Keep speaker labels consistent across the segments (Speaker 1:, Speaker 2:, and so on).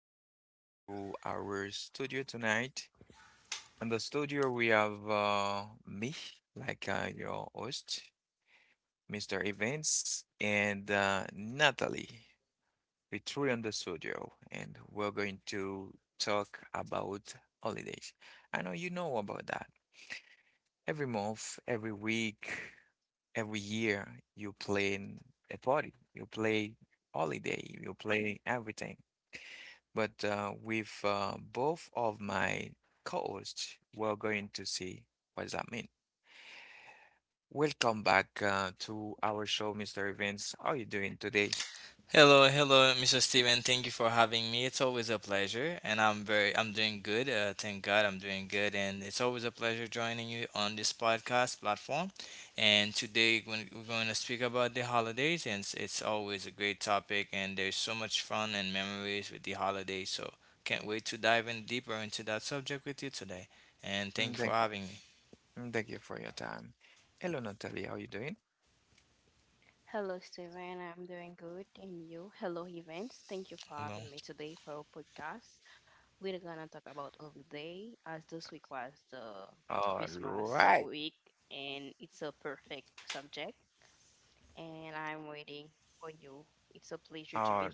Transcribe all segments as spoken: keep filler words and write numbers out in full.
Speaker 1: back uh, to our studio tonight. In the studio, we have uh, me, like uh, your host, Mister Evans, and uh, Natalie. We're three on the studio, and we're going to talk about holidays. I know you know about that. Every month, every week, every year, you plan a party, you play holiday, you play everything. But uh, with uh, both of my co-hosts, we're going to see what does that mean. Welcome back uh, to our show, Mister Evans. How are you doing today?
Speaker 2: Hello, hello, mister Steven. Thank you for having me. It's always a pleasure, and I'm very, I'm doing good. Uh, thank God, I'm doing good, and it's always a pleasure joining you on this podcast platform. And today, when we're going to speak about the holidays, and it's, it's always a great topic, and there's so much fun and memories with the holidays. So can't wait to dive in deeper into that subject with you today. And
Speaker 1: Mm,
Speaker 2: thank you for
Speaker 1: Thank,
Speaker 2: having me.
Speaker 1: mm, thank you for your time. Hello, Natalie. How are you doing?
Speaker 2: Hello.
Speaker 1: All right. All,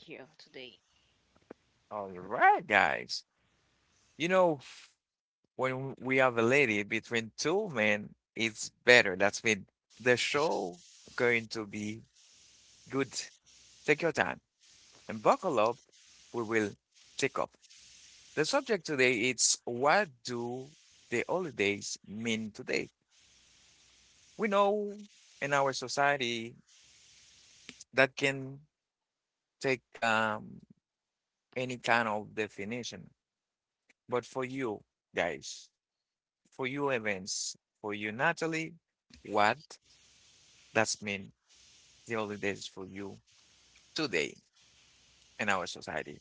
Speaker 1: all right, guys. You know, when we have a lady between two men, it's better. That's mean the show going to be good. Take your time and buckle up. We will take off. The subject today is what do the holidays mean today? We know in our society that can take um, any kind of definition, but for you guys, for you events, for you Natalie, what does mean the holidays for you today in our society?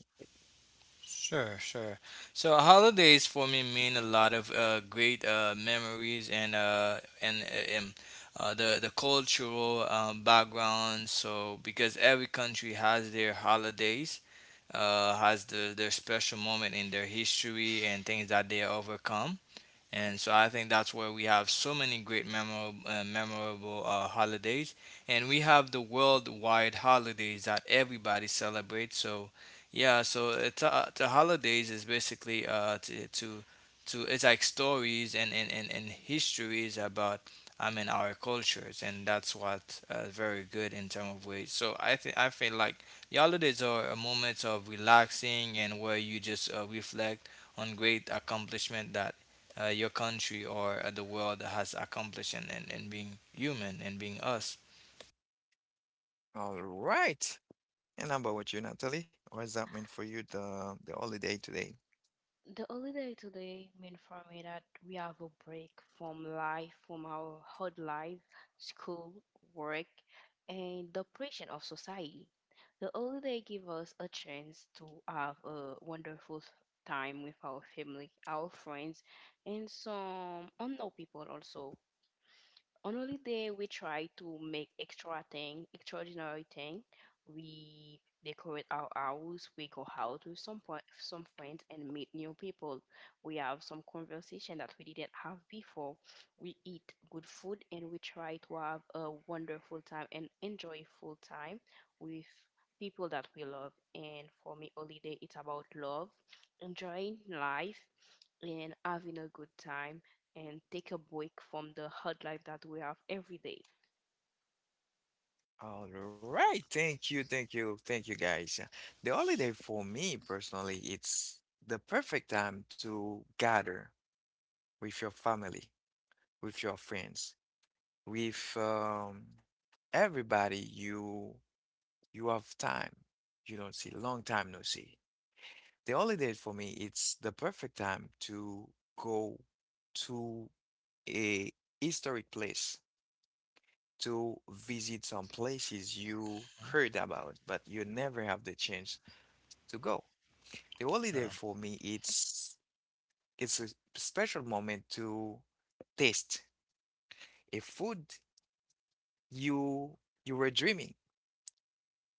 Speaker 2: Sure, sure. So holidays for me mean a lot of uh, great uh, memories and uh, and uh, um, uh, the the cultural um, background. So because every country has their holidays, uh, has the, their special moment in their history and things that they overcome, and so I think that's where we have so many great memorable, uh, memorable uh, holidays, and we have the worldwide holidays that everybody celebrates. So, yeah, so it's, uh, the holidays is basically uh, to, to to it's like stories and, and, and, and histories about, I mean, our cultures, and that's what uh, very good in terms of ways. So I think I feel like the holidays are moments of relaxing and where you just uh, reflect on great accomplishment that uh, your country or uh, the world has accomplished in, in, in being human and being us.
Speaker 1: All right. And how about with you, Natalie? What does that mean for you, the the holiday today? All right, thank you, thank you, thank you, guys. The holiday for me personally, it's the perfect time to gather with your family, with your friends, with um, everybody you. You have time. You don't see. Long time, no see. The holiday for me, it's the perfect time to go to a historic place, to visit some places you heard about, but you never have the chance to go. The holiday for me, it's it's a special moment to taste a food you you were dreaming.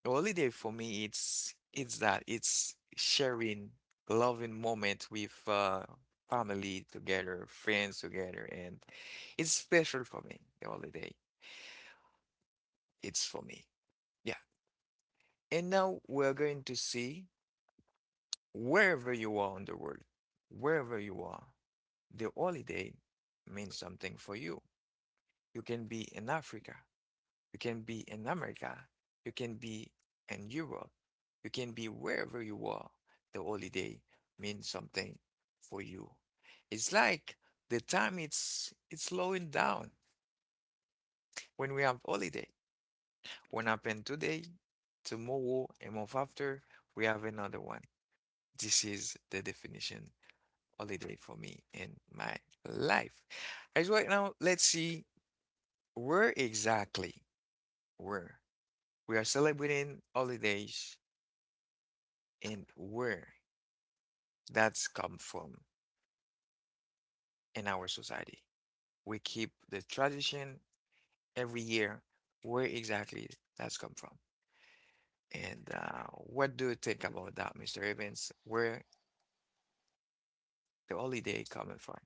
Speaker 1: Holiday for me, it's it's that it's sharing loving moment with uh, family together, friends together, and it's special for me. The holiday, it's for me. Yeah. And now we're going to see wherever you are in the world, wherever you are, the holiday means something for you. You can be in Africa. You can be in America, you can be in Europe, you can be wherever you are. The holiday means something for you. It's like the time it's it's slowing down when we have holiday. What happened today, tomorrow, a month after, we have another one. This is the definition holiday for me in my life. As right now, let's see where exactly where we are celebrating holidays and where that's come from in our society. We keep the tradition every year, where exactly that's come from. And uh, what do you think about that, Mister Evans? Where the holiday coming from?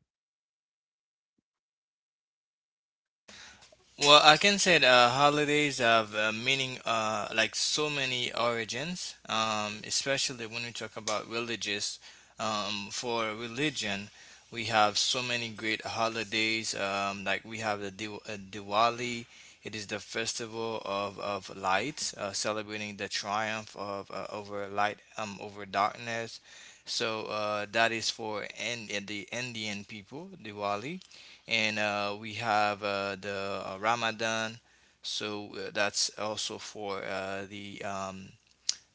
Speaker 2: Well, I can say that uh, holidays have uh, meaning uh, like so many origins, um, especially when we talk about religious. Um, for religion, we have so many great holidays. Um, like we have the Diw- uh, Diwali. It is the festival of, of lights, uh, celebrating the triumph of uh, over light um, over darkness. So uh, that is for in, the Indian people, Diwali, and uh, we have uh, the uh, Ramadan. So uh, that's also for uh, the um,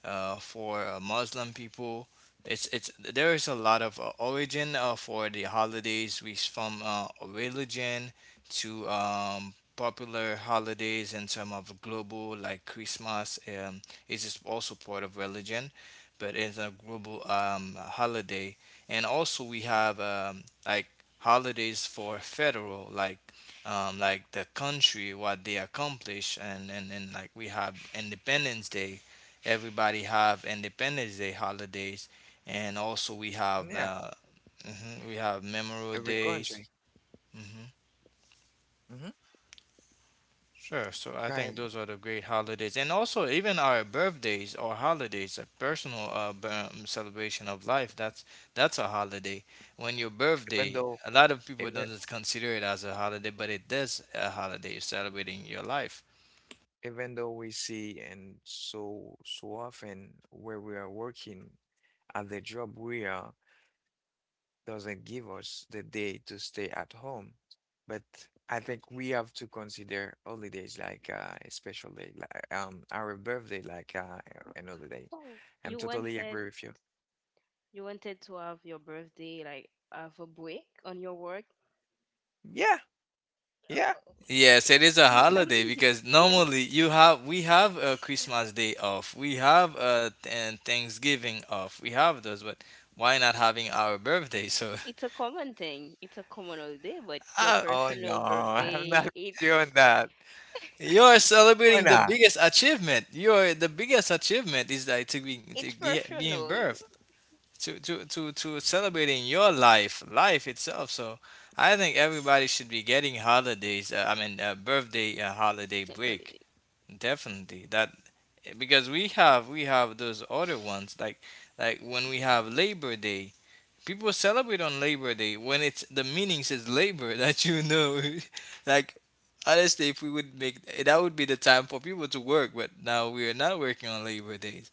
Speaker 2: uh, for uh, Muslim people. It's it's There is a lot of uh, origin uh, for the holidays. We s- from uh, religion to um, popular holidays in terms of global, like Christmas. Um, is just also part of religion, but it's a global um, holiday. And also we have um, like holidays for federal, like um, like the country, what they accomplish, and, and and like we have independence day. Everybody have Independence Day holidays, and also we have
Speaker 1: Yeah,
Speaker 2: uh, mhm, we have Memorial
Speaker 1: every
Speaker 2: Days.
Speaker 1: country.
Speaker 2: Hmm.
Speaker 1: Mm-hmm.
Speaker 2: Sure. So I
Speaker 1: Right.
Speaker 2: think those are the great holidays, and also even our birthdays or holidays, a personal uh, b- um, celebration of life. That's that's a holiday. When your
Speaker 1: Even
Speaker 2: birthday,
Speaker 1: though
Speaker 2: a lot of people
Speaker 1: even,
Speaker 2: don't just consider it as a holiday, but it is a holiday. You're celebrating your life.
Speaker 1: even though we see and so so often where we are working at the job we are doesn't give us the day to stay at home. But I think we have to consider holidays like uh, a special day, like um, our birthday, like uh, an holiday. I'm totally agree with you. Yeah, yeah.
Speaker 2: Yes, it is a holiday because normally you have we have a Christmas day off, we have a and Thanksgiving off, we have those, but why not having our birthday? So uh,
Speaker 1: Oh no, I'm not doing that.
Speaker 2: you are
Speaker 1: Why
Speaker 2: celebrating the
Speaker 1: not?
Speaker 2: biggest achievement. Your the biggest achievement is like to be to get, being birthed, to, to to to celebrating your life, life itself. So I think everybody should be getting holidays. Uh, I mean, uh, birthday uh, holiday break. Definitely that, because we have we have those other ones like like when we have Labor Day, people celebrate on Labor Day when it's the meaning says labor that you know, like honestly, if we would make that would be the time for people to work, but now we are not working on Labor Day,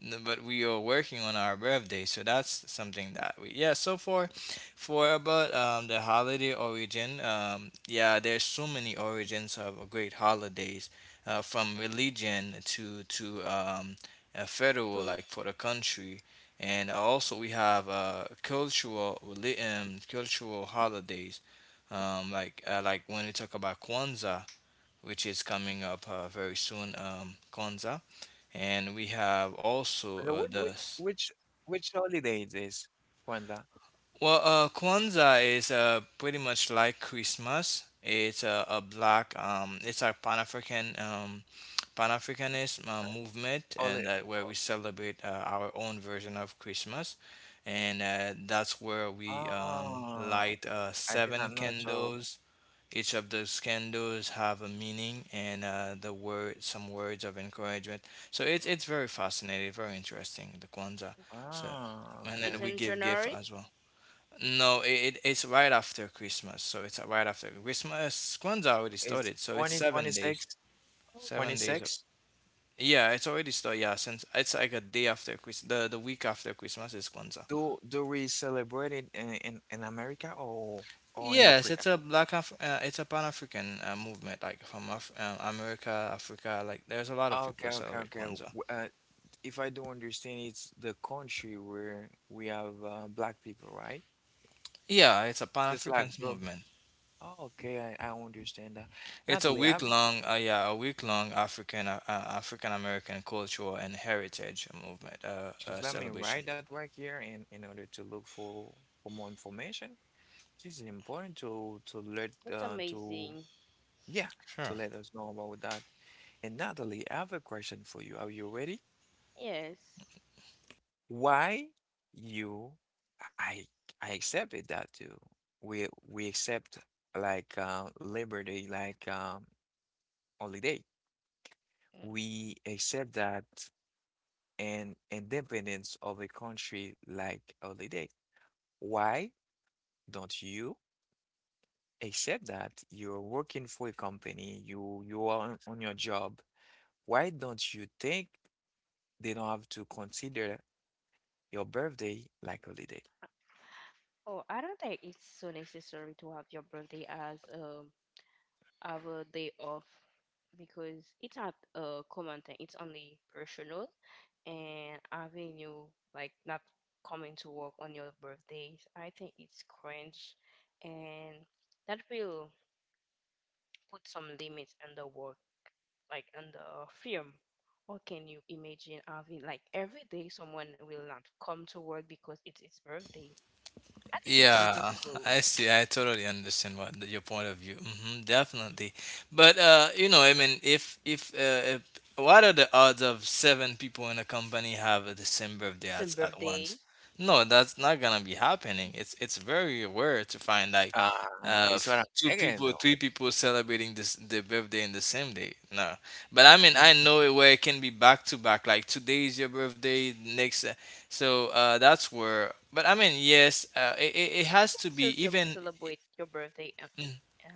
Speaker 2: no, but we are working on our birthday, so that's something that we, yeah, so for for about um, the holiday origin, um, yeah, there's so many origins of great holidays uh, from religion to to um, uh, federal, like for the country, and also we have uh, cultural reli- um, cultural holidays, um, like uh, like when we talk about Kwanzaa, which is coming up uh, very soon, um, Kwanzaa. And we have
Speaker 1: Uh,
Speaker 2: also
Speaker 1: Which
Speaker 2: uh,
Speaker 1: which
Speaker 2: the. s-
Speaker 1: which which holiday it is, Wanda?
Speaker 2: Well, uh, Kwanzaa is uh, pretty much like Christmas. It's a, a black, um, it's a Pan African um, Pan Africanist uh, movement,
Speaker 1: Holi
Speaker 2: and that where we celebrate uh, our own version of Christmas. And uh, that's where
Speaker 1: oh,
Speaker 2: we um,
Speaker 1: ah,
Speaker 2: light uh,
Speaker 1: I did not
Speaker 2: seven
Speaker 1: know. So,
Speaker 2: candles. Each of those candles have a meaning and uh, the word, some words of encouragement. So it's it's very fascinating, very interesting. The Kwanzaa. So
Speaker 1: ah,
Speaker 2: and
Speaker 1: okay.
Speaker 2: then we give gift as well. No, it, it it's right after Christmas. So it's right after Christmas. Kwanzaa already
Speaker 1: It's
Speaker 2: started. So it's
Speaker 1: twenty twenty
Speaker 2: seven
Speaker 1: six
Speaker 2: days.
Speaker 1: twenty
Speaker 2: Seven days. Of,
Speaker 1: six.
Speaker 2: yeah, it's already started. Yeah, since it's like a day after Christmas. The the week after Christmas is Kwanzaa.
Speaker 1: Do do we celebrate it in in, in America or or in
Speaker 2: Yes,
Speaker 1: Africa?
Speaker 2: it's a black Af- uh, it's a Pan African uh, movement, like from Af- uh, America, Africa. Like there's a lot of people
Speaker 1: Okay,
Speaker 2: that
Speaker 1: okay,
Speaker 2: celebrate
Speaker 1: okay. W-
Speaker 2: Kwanzaa.
Speaker 1: Uh, if I do understand, it's the country where we have uh, black people, right?
Speaker 2: Yeah, it's a Pan
Speaker 1: Just like
Speaker 2: African
Speaker 1: girl.
Speaker 2: movement.
Speaker 1: Oh, okay, I, I understand that.
Speaker 2: It's a
Speaker 1: Natalie, I,
Speaker 2: week long, uh, yeah, a week long African uh, African American cultural and heritage movement uh, uh,
Speaker 1: just let me
Speaker 2: celebration.
Speaker 1: write that right here in in order to look for for more information. This is important to to let uh, to yeah, to
Speaker 2: Sure.
Speaker 1: let us know about that. And Natalie, I have a question for you. Are you ready? Why you I I accepted that too. We we accept like uh Labor Day like um holiday. We accept that and independence of a country like holiday. Why don't you accept that you're working for a company, you you are on, on your job. Why don't you think they don't have to consider your birthday like holiday?
Speaker 2: Yeah, I see. I totally understand what the- your point of view. Hmm, definitely, but uh, you know, I mean, if if, uh, if what are the odds of seven people in a company have the same birthday at, at once? No, that's not gonna be happening. It's it's very rare to find like
Speaker 1: Uh,
Speaker 2: uh
Speaker 1: it's
Speaker 2: f-
Speaker 1: what I'm
Speaker 2: two
Speaker 1: saying
Speaker 2: people,
Speaker 1: though.
Speaker 2: three people celebrating this their birthday in the same day. No, but I mean, I know it where it can be back to back. Like today is your birthday, next. uh, so uh, that's where. But I mean, yes, uh, it, it it has to be even.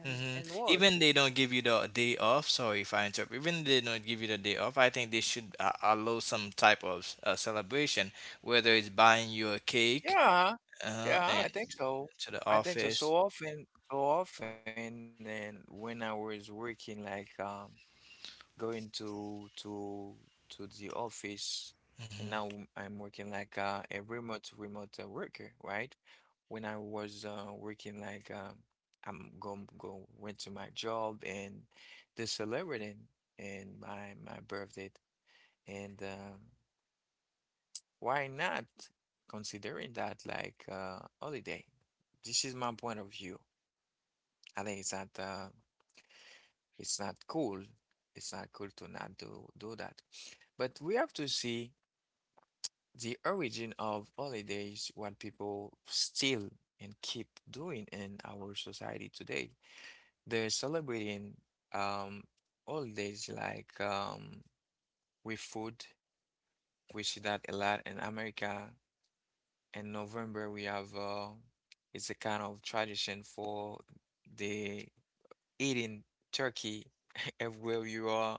Speaker 2: Mhm. Even they don't give you the day off. Sorry if I interrupt. Even they don't give you the day off, I think they should uh, allow some type of uh, celebration, whether it's buying you a cake
Speaker 1: Yeah,
Speaker 2: uh,
Speaker 1: yeah, I
Speaker 2: and
Speaker 1: think so.
Speaker 2: to the
Speaker 1: I think so.
Speaker 2: office.
Speaker 1: So often, so often, and when I was working, like um, going to to to the office, and now I'm
Speaker 2: Hmm.
Speaker 1: I'm working like uh, a remote remote uh, worker, right? When I was uh, working, like um, I'm going go go- went to my job and they celebrated and my my birthday, and um why not considering that like uh holiday? This is my point of view. I think it's not uh it's not cool. It's not cool to not do do that. But we have to see the origin of holidays, what people still and keep doing in our society today. They're celebrating um holidays like um with food. We see that a lot in America. In November, we have uh, it's a kind of tradition for the eating turkey everywhere you are.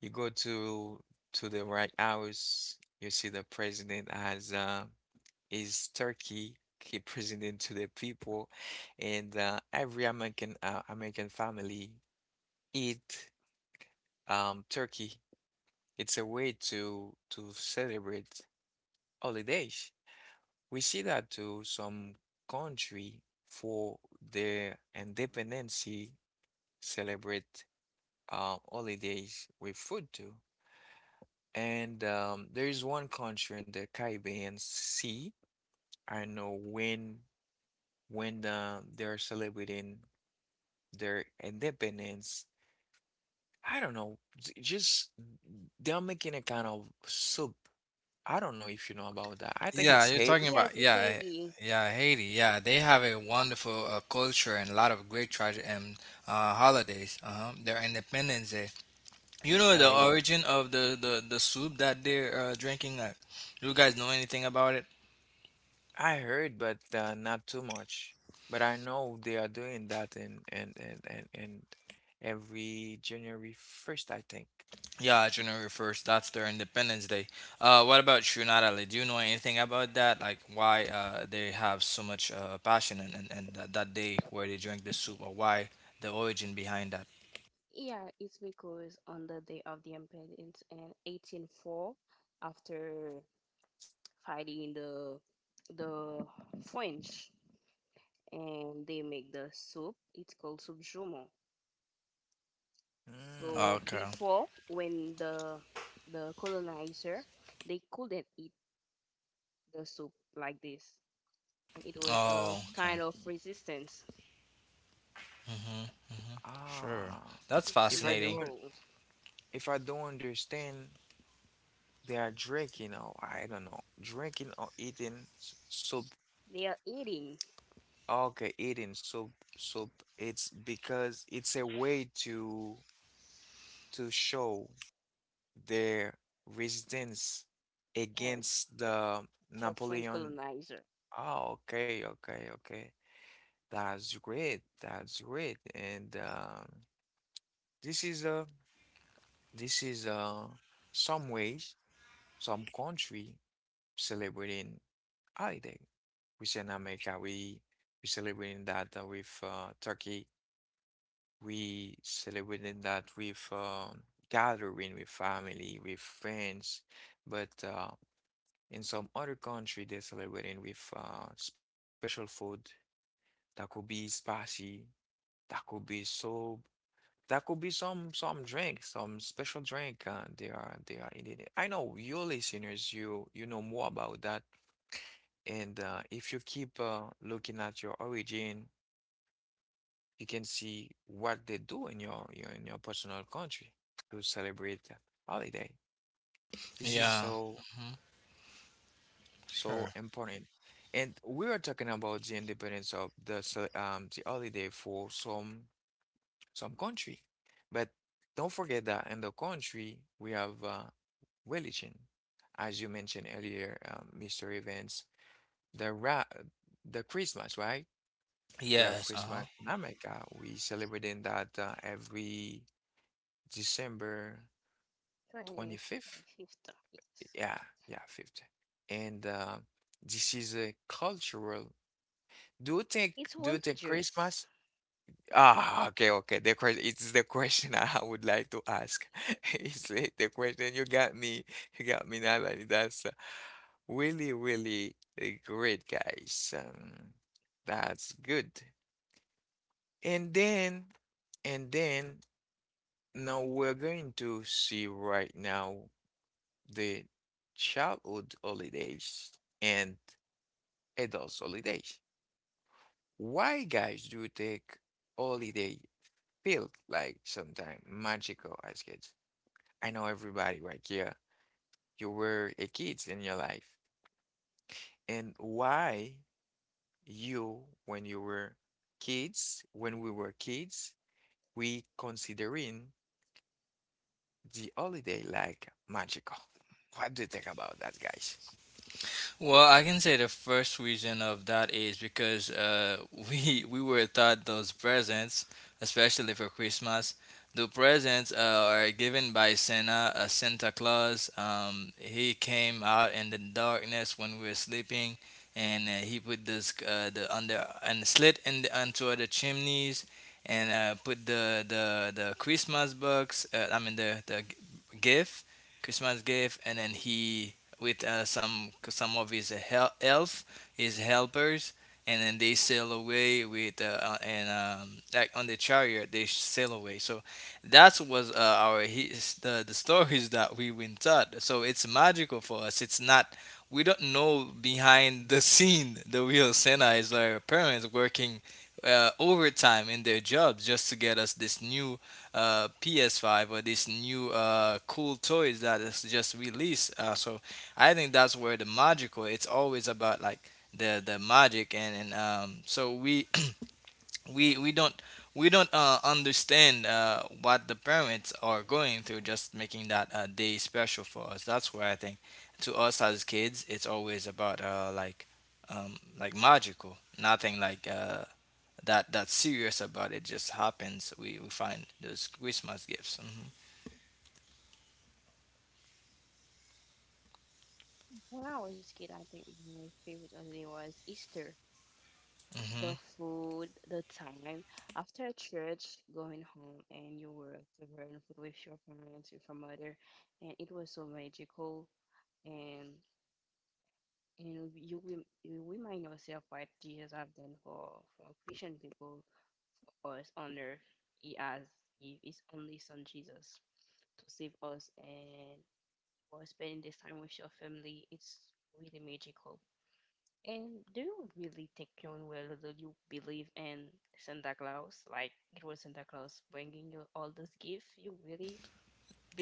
Speaker 1: You go to to the White House, you see the president has uh, his turkey. He presented to the people, and uh, every American uh, American family eat um, turkey. It's a way to to celebrate holidays. We see that too, some country for their independency celebrate uh, holidays with food too. And um, there is one country in the Caribbean Sea. I know when when uh, they're celebrating their independence. I don't know, j- just they're making a kind of soup. I don't know if you know about that. I think
Speaker 2: Yeah,
Speaker 1: it's
Speaker 2: you're
Speaker 1: Haiti.
Speaker 2: talking about, yeah, yeah, Haiti. Yeah, they have a wonderful uh, culture and a lot of great tra- and uh, holidays. Uh-huh. Their Independence Day. You know the origin of the the, the soup that they're uh, drinking. Like, do you guys know anything about it?
Speaker 1: I heard, but uh, not too much. But I know they are doing that in and and and and every January first, I think.
Speaker 2: Yeah, January first. That's their Independence Day. Uh, what about you, Natalie? Do you know anything about that? Like why uh, they have so much uh, passion and and, and that, that day where they drink the soup, or why the origin behind that?
Speaker 1: Mm.
Speaker 2: Okay. Oh, okay. Mhm. Mhm. Sure.
Speaker 1: Ah,
Speaker 2: That's
Speaker 1: if I
Speaker 2: fascinating.
Speaker 1: don't if I don't understand, they are drinking or I don't know, drinking or eating s- soup. Okay, eating soup soup. It's because it's a way to to show their resistance against the Napoleon. Oh, okay, okay, okay. That's great. That's great. And um, this is a this is a some ways some country celebrating holiday. We say in America we we celebrating that uh, with uh, turkey. We celebrating that with um, gathering with family with friends. But uh, in some other country, they celebrate it with uh, special food that could be spicy, that could be soap, that could be some some drink, some special drink. Uh, they are they are eating it. I know your listeners, you you know more about that. And uh, if you keep uh, looking at your origin, you can see what they do in your, your in your personal country to celebrate holiday. This is
Speaker 2: Yeah.
Speaker 1: so,
Speaker 2: Mhm.
Speaker 1: so
Speaker 2: Sure.
Speaker 1: important. And we are talking about the independence of the se- um the holiday for some some country. But don't forget that in the country we have uh, religion. As you mentioned earlier, um, Mister Evans, the ra the Christmas, right? We have
Speaker 2: Yes. Uh
Speaker 1: Christmas
Speaker 2: huh.
Speaker 1: in America. We celebrating that uh, every December twenty-fifth. Yeah, yeah, fifth. And uh, this is a cultural. Do you think do you think Christmas? Ah, okay, okay. The question it's the question I would like to ask. It's the the question you got me, you got me, Natalie. That's uh, really, really uh, great, guys. Um, that's good. And then, and then, now we're going to see right now the childhood holidays and adult holidays. Why, guys, do you take holiday felt like sometimes magical as kids. I know everybody right here, you were a kids in your life. And why you, when you were kids, when we were kids, we considering the holiday like magical. What do you think about that, guys?
Speaker 2: Well, I can say the first reason of that is because uh, we we were taught those presents, especially for Christmas. The presents uh, are given by Santa, uh, Santa Claus. Um, he came out in the darkness when we were sleeping, and uh, he put this uh, the under and slit in the, onto the chimneys, and uh, put the the the Christmas box. Uh, I mean the the gift, Christmas gift, and then he with uh, some some of his hel- elf, his helpers, and then they sail away with uh, uh, and um, like on the chariot they sail away. So that was uh, our his, the the stories that we were taught. So it's magical for us. It's not we don't know behind the scene the real Santa is our parents working. Uh, overtime in their jobs just to get us this new uh, P S five or this new uh, cool toys that is just released. Uh, so I think that's where the magical. It's always about like the the magic and and um. So we we we don't we don't uh, understand uh, what the parents are going through. Just making that uh, day special for us. That's where I think to us as kids, it's always about uh like um like magical. Nothing like uh that that serious about it. Just happens. We we find those Christmas gifts. Hmm.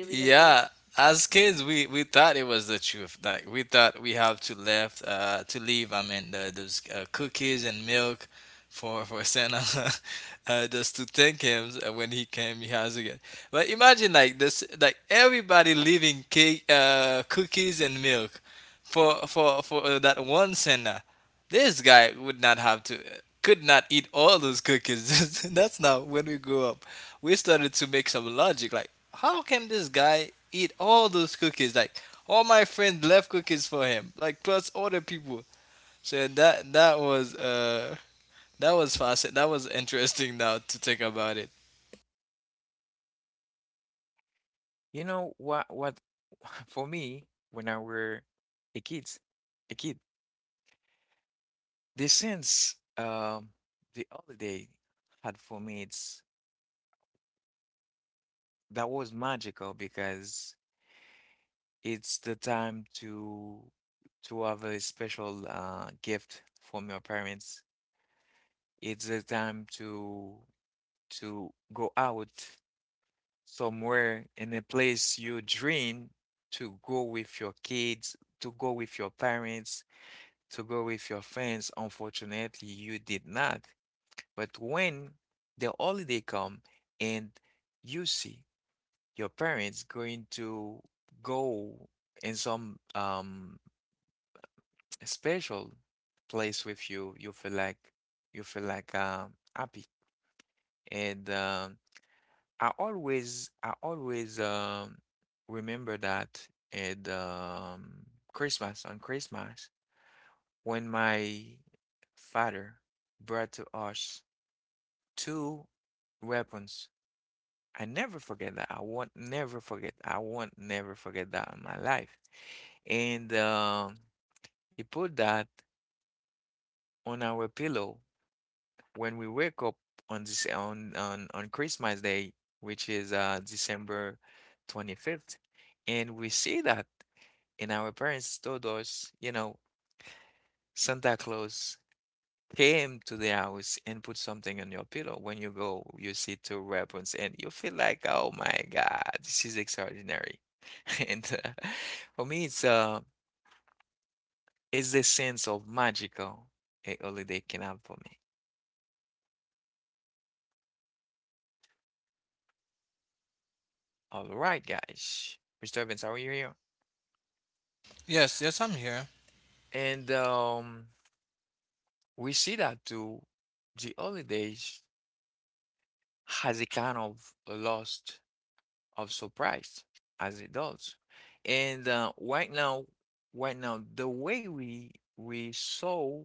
Speaker 2: Yeah, as kids, we we thought it was the truth. Like we thought we have to left uh to leave, I mean, the, those uh, cookies and milk for for Santa, uh, just to thank him uh, when he came. He has again. But imagine like this, like everybody leaving cake, uh, cookies and milk, for for for uh, that one Santa. This guy would not have to, could not eat all those cookies. That's not when we grew up. We started to make some logic like, how can this guy eat all those cookies? Like, all my friends left cookies for him, like, plus other people. So that that was uh that was fascinating. That was interesting now to think about it.
Speaker 1: You know what what for me when I were a kids, a kid, the sense um the holiday had for me it's that was magical because it's the time to to have a special uh, gift from your parents. It's the time to to go out somewhere in a place you dream to go with your kids, to go with your parents, to go with your friends. Unfortunately, you did not. But when the holiday come and you see your parents going to go in some um special place with you, you feel like you feel like um happy. And um I always I always um remember that at um Christmas, on Christmas, when my father brought to us two weapons. I never forget that. I won't never forget I won't never forget that in my life. And um, he put that on our pillow when we wake up on this on on, on Christmas Day, which is uh, December twenty-fifth. And we see that, and our parents told us, you know, Santa Claus came to the house and put something on your pillow. When you go, you see two weapons, and you feel like, oh my God, this is extraordinary. And uh, for me, it's uh, it's the sense of magical a holiday can have for me. All right, guys. Mister Evans, how are you here?
Speaker 2: Yes, yes, I'm here.
Speaker 1: And um, We see that too. The holidays has a kind of lost of surprise as adults. And uh, right now, right now, the way we we saw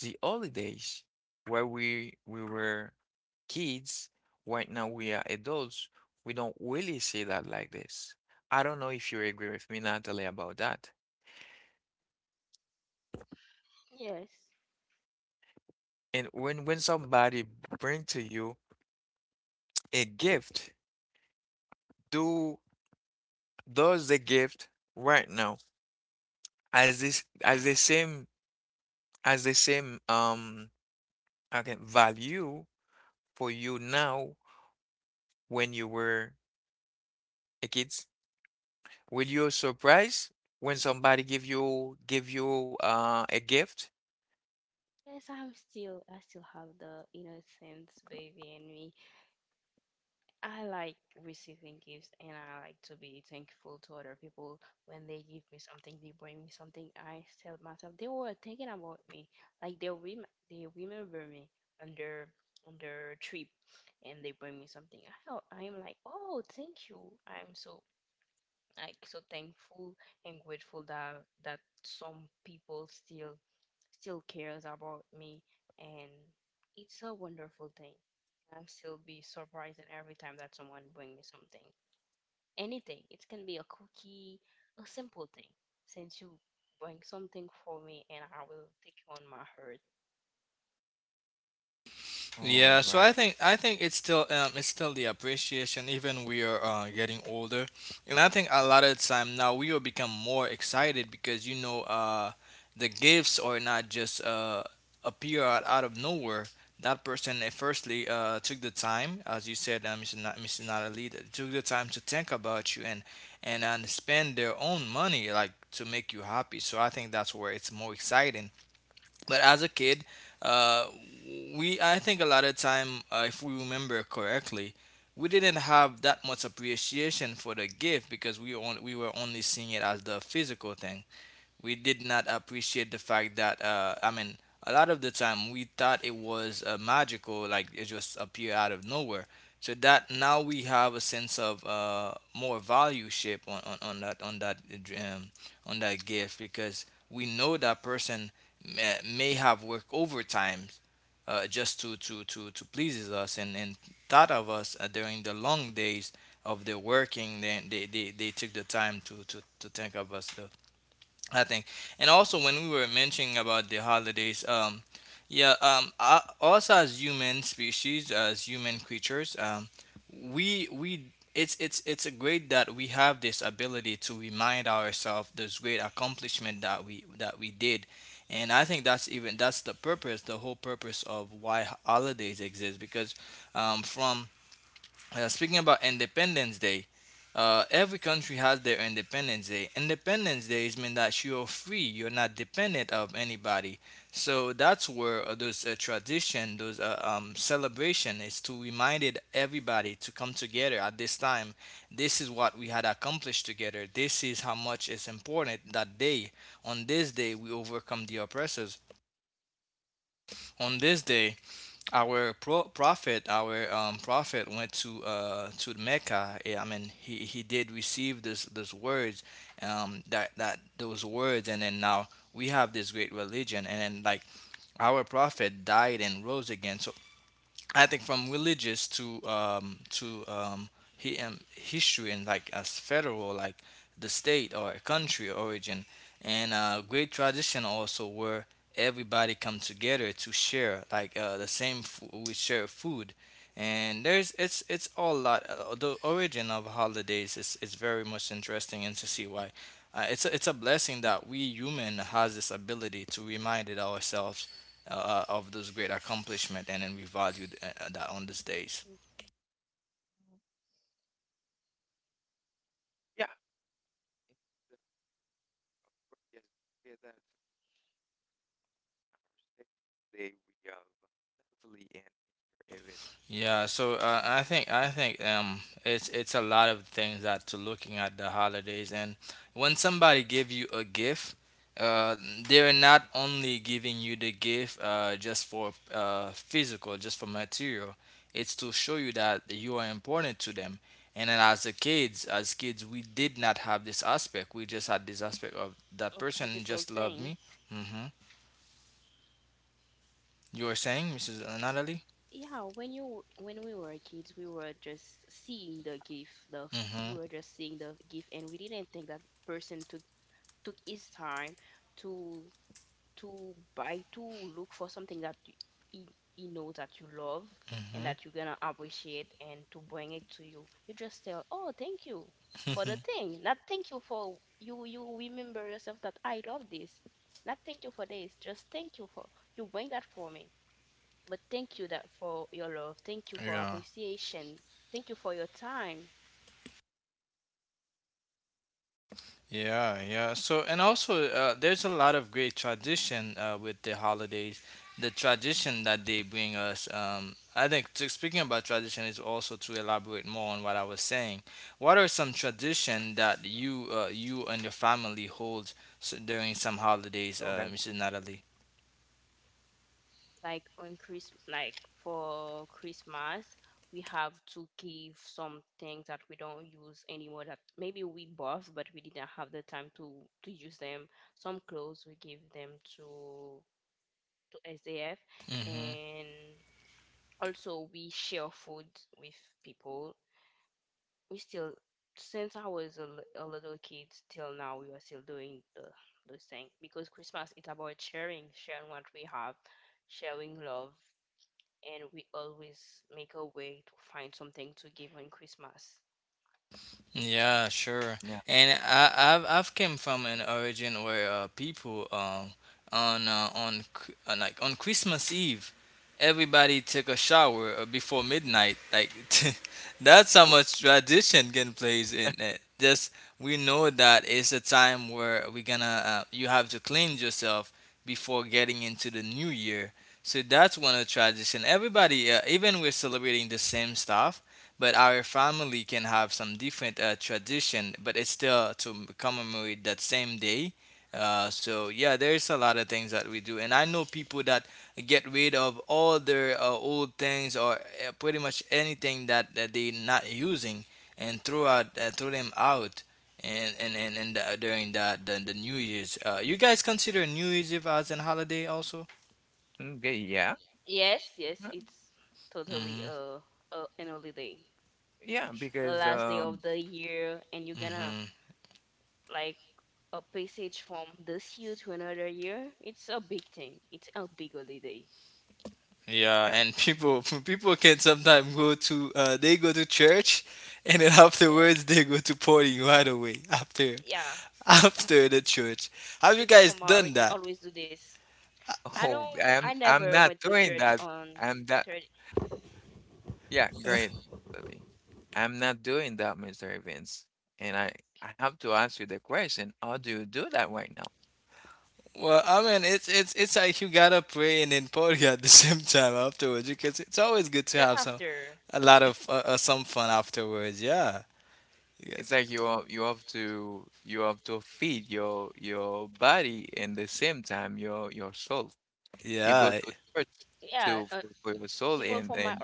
Speaker 1: the holidays where we we were kids, right now we are adults, we don't really see that like this. I don't know if you agree with me, Natalie, about that. And when when somebody bring to you a gift, do does the gift right now as this as the same as the same um okay value for you now when you were a kid? Will you surprise when somebody give you give you uh a gift? All
Speaker 2: Yeah,
Speaker 1: right.
Speaker 2: so I think I think it's still um it's still the appreciation even we are uh, getting older, and I think a lot of the time now we will become more excited because you know uh the gifts are not just uh appear out, out of nowhere. That person uh, firstly uh took the time, as you said, uh, Mister Na- Mister Natalie, that took the time to think about you and and and spend their own money like to make you happy. So I think that's where it's more exciting, but as a kid, uh, we I think a lot of time, uh, if we remember correctly, we didn't have that much appreciation for the gift because we on, we were only seeing it as the physical thing. We did not appreciate the fact that uh, I mean, a lot of the time we thought it was uh, magical, like it just appeared out of nowhere. So that now we have a sense of uh, more value ship on, on, on that on that uh, dr- um, on that gift because we know that person may, may have worked overtime, uh, just to to to to pleases us and and thought of us uh, during the long days of their working. Then they, they they took the time to to to think of us, uh, I think. And also, when we were mentioning about the holidays, um, yeah, um, uh, us as human species, as human creatures, um, we we it's it's it's a great that we have this ability to remind ourselves those great accomplishment that we that we did. And I think that's even that's the purpose, the whole purpose of why holidays exist, because, um, from uh, speaking about Independence Day, uh, every country has their Independence Day. Independence Day is mean that you're free, you're not dependent of anybody. So that's where uh, those uh, tradition, those uh, um, celebration is to remind it- everybody to come together at this time. This is what we had accomplished together. This is how much it's important that day. On this day, we overcome the oppressors. On this day, our pro prophet, our um, prophet went to uh, to Mecca. Yeah, I mean, he, he did receive this those words, um, that that those words, and then now we have this great religion, and then like our prophet died and rose again. So I think from religious to um, to um, he um, history and like as federal, like the state or a country origin, and uh, great tradition also where everybody come together to share like uh, the same food, we share food, and there's it's it's all lot uh, the origin of holidays is, is very much interesting and to see why. Uh, it's a, it's a blessing that we human has this ability to remind it ourselves uh, of those great accomplishment, and then we value uh, uh, that on these days.
Speaker 1: Yeah. Yes, yeah, that today we have Natalie and Mister Evans.
Speaker 2: Yeah, so uh, I think I think um, it's it's a lot of things that to looking at the holidays, and when somebody give you a gift, uh, they're not only giving you the gift uh, just for uh, physical, just for material. It's to show you that you are important to them. And then as a kids, as kids, we did not have this aspect. We just had this aspect of that person just loved me. Hmm. You were saying, Missus Natalie? Mm-hmm. Mm-hmm. Yeah. Yeah, yeah. So, and also, uh, there's a lot of great tradition uh, with the holidays. The tradition that they bring us. Um, I think to, speaking about tradition is also to elaborate more on what I was saying. What are some tradition that you uh, you and your family hold s- during some holidays,
Speaker 1: Oh,
Speaker 2: uh,
Speaker 1: guys.
Speaker 2: Missus Natalie? Yeah, sure.
Speaker 1: Yeah.
Speaker 2: And I, I've I've came from an origin where uh, people um on uh, on Chr- uh, like on Christmas Eve, everybody take a shower uh, before midnight. Like, that's how much tradition can plays in it. Just we know that it's a time where we're gonna uh, you have to cleanse yourself before getting into the new year. So that's one of the tradition. Everybody, uh, even we're celebrating the same stuff but our family can have some different uh, tradition, but it's still to commemorate that same day. Uh, so yeah, there's a lot of things that we do, and I know people that get rid of all their uh, old things or uh, pretty much anything that, that they're not using and throw out uh, throw them out. And and and, and uh, during the, the the New Year's, uh, you guys consider New Year's Eve as an holiday also?
Speaker 1: Okay, yeah. Uh,
Speaker 2: Mm-hmm.
Speaker 1: Yeah, because um
Speaker 2: Mm-hmm. Yeah,
Speaker 1: yeah.
Speaker 2: and people people can sometimes go to uh, they go to church, and then afterwards they go to party right away after after the church. Have you guys done that?
Speaker 1: Oh, I'm I'm not doing that. I'm that yeah, great. Lily. I'm not doing that, Mister Evans. And I I have to ask you the question, how do you do that right now?
Speaker 2: Well, I mean, it's it's it's like you gotta pray and then party at the same time afterwards because it's always good to have some a lot of uh, uh, some fun afterwards. Yeah, yeah,
Speaker 1: It's like you are- you have to you have to feed your your body and the same time your your soul. You go
Speaker 2: yeah.
Speaker 1: to church to for, for your soul, and and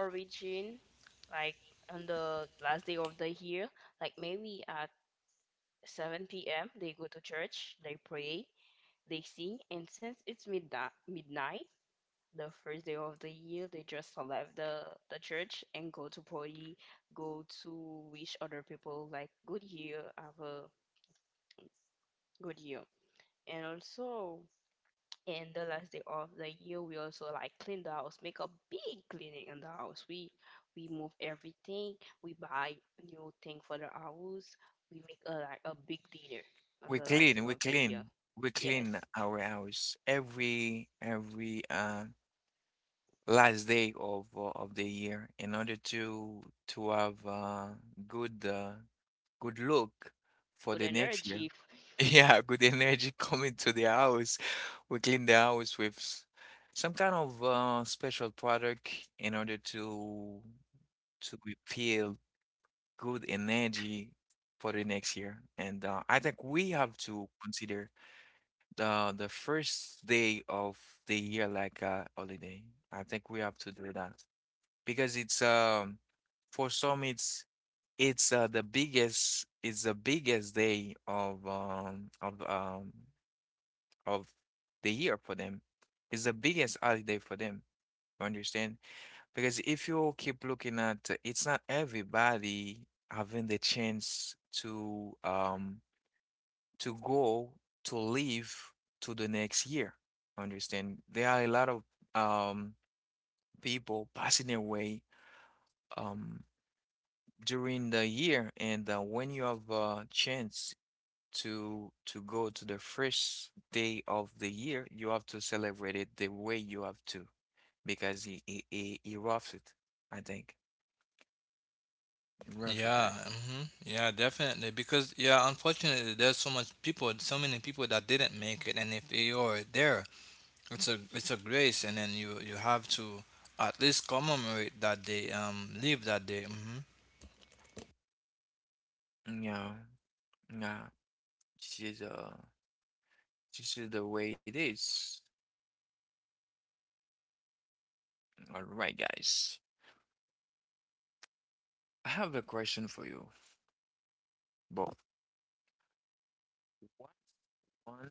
Speaker 1: We clean, we clean, we clean our house every every uh, last day of uh, of the year in order to to have uh, good uh, good look for the next year. Yeah, good energy coming to the house. We clean the house with s- Some kind of uh, special product in order to to be feel good energy for the next year. And uh, I think we have to consider uh, the first day of the year like a holiday. I think we have to do that because it's um for some it's it's uh, the biggest it's the biggest day of um of um of the year for them. It's the biggest holiday for them. You understand? Because if you keep looking at, it's not everybody having the chance to um to go, to live to the next year. Understand? There are a lot of um, people passing away um, during the year, and uh, when you have a chance to to go to the first day of the year, you have to celebrate it the way you have to because he he he, he roughed it, I think. He roughed
Speaker 2: Yeah,
Speaker 1: it.
Speaker 2: hmm, yeah, definitely. Because yeah, unfortunately, there's so much people, so many people that didn't make it, and if you're there, it's a it's a grace, and then you you have to at least commemorate that they um live that day. Hmm.
Speaker 1: Yeah, yeah. This is uh, this is the way it is. All right, guys. I have a question for you. But what's one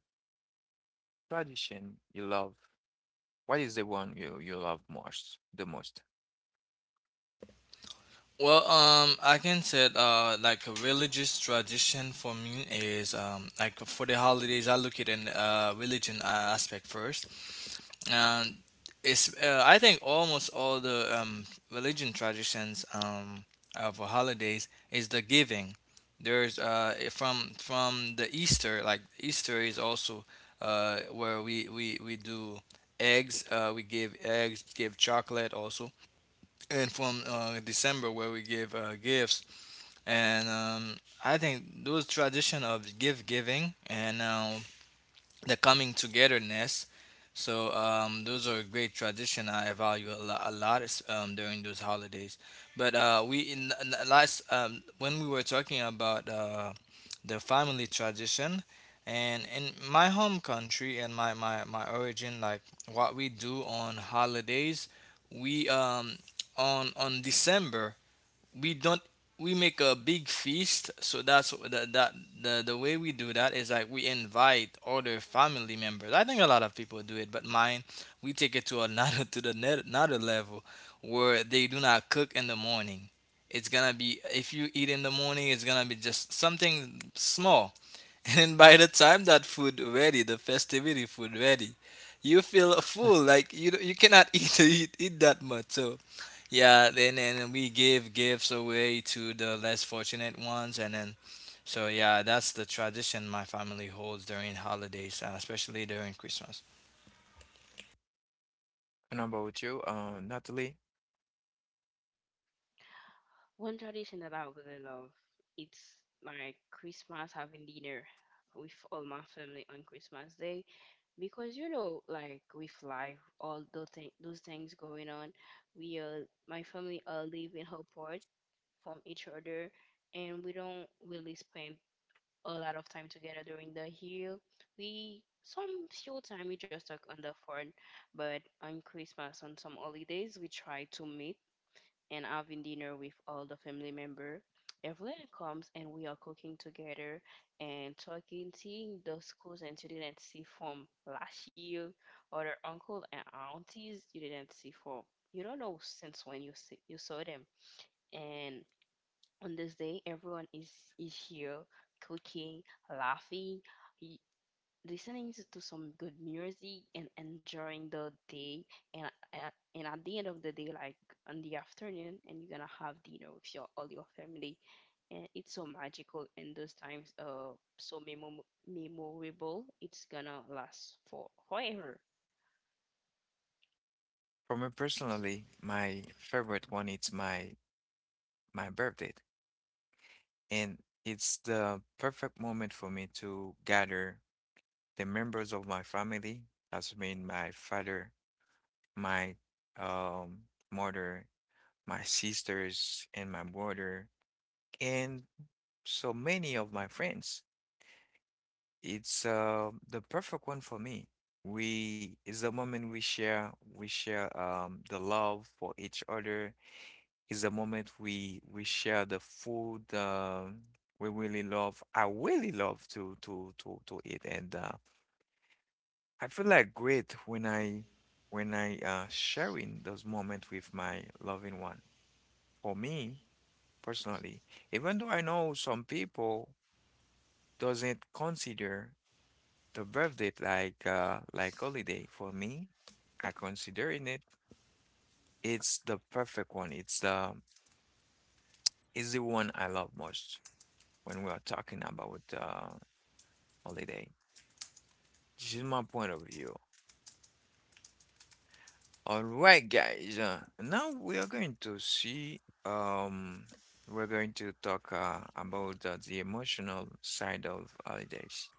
Speaker 1: tradition you love? What is the one you you love most, the most?
Speaker 2: Well, um, I can say uh like a religious tradition for me is um like for the holidays I look at in uh religion uh, aspect first. And it's uh, I think almost all the um, religion traditions, um, uh, for holidays is the giving. There's uh, from from the Easter, like Easter is also uh, where we, we, we do eggs, uh, we give eggs, give chocolate also, and from uh, December where we give uh, gifts, and um, I think those tradition of gift giving and, um, the coming togetherness. So, um, those are great tradition I value a lot, a lot is, um, during those holidays. But uh, we in, in the last, um, when we were talking about uh, the family tradition, and in my home country and my, my, my origin, like what we do on holidays, we, um, on on December we don't, we make a big feast, so that's that, that the the way we do that is like we invite other family members. I think a lot of people do it, but mine, we take it to another to the net, another level where they do not cook in the morning. It's gonna be, if you eat in the morning it's gonna be just something small, and by the time that food ready the festivity food ready, you feel full like you you cannot eat eat, eat that much. So yeah, then and we give gifts away to the less fortunate ones, and then, so yeah, that's the tradition my family holds during holidays, uh, especially during Christmas.
Speaker 1: And about you, uh, Natalie? For me personally, my favorite one is my my birthday, and it's the perfect moment for me to gather the members of my family, that's mean my father, my um mother, my sisters, and my brother, and so many of my friends. It's uh, the perfect one for me. We is a moment we share we share um the love for each other. Is a moment we we share the food um we really love. I really love to to to to eat, and uh, I feel like great when I when I uh sharing those moments with my loving one. For me personally, even though I know some people doesn't consider the birthday like uh like holiday for me. I considering it. It's the perfect one. It's the Is the one I love most when we are talking about uh holiday. This is my point of view. All right, guys. Uh, now we are going to see um we're going to talk uh, about uh, the emotional side of holidays.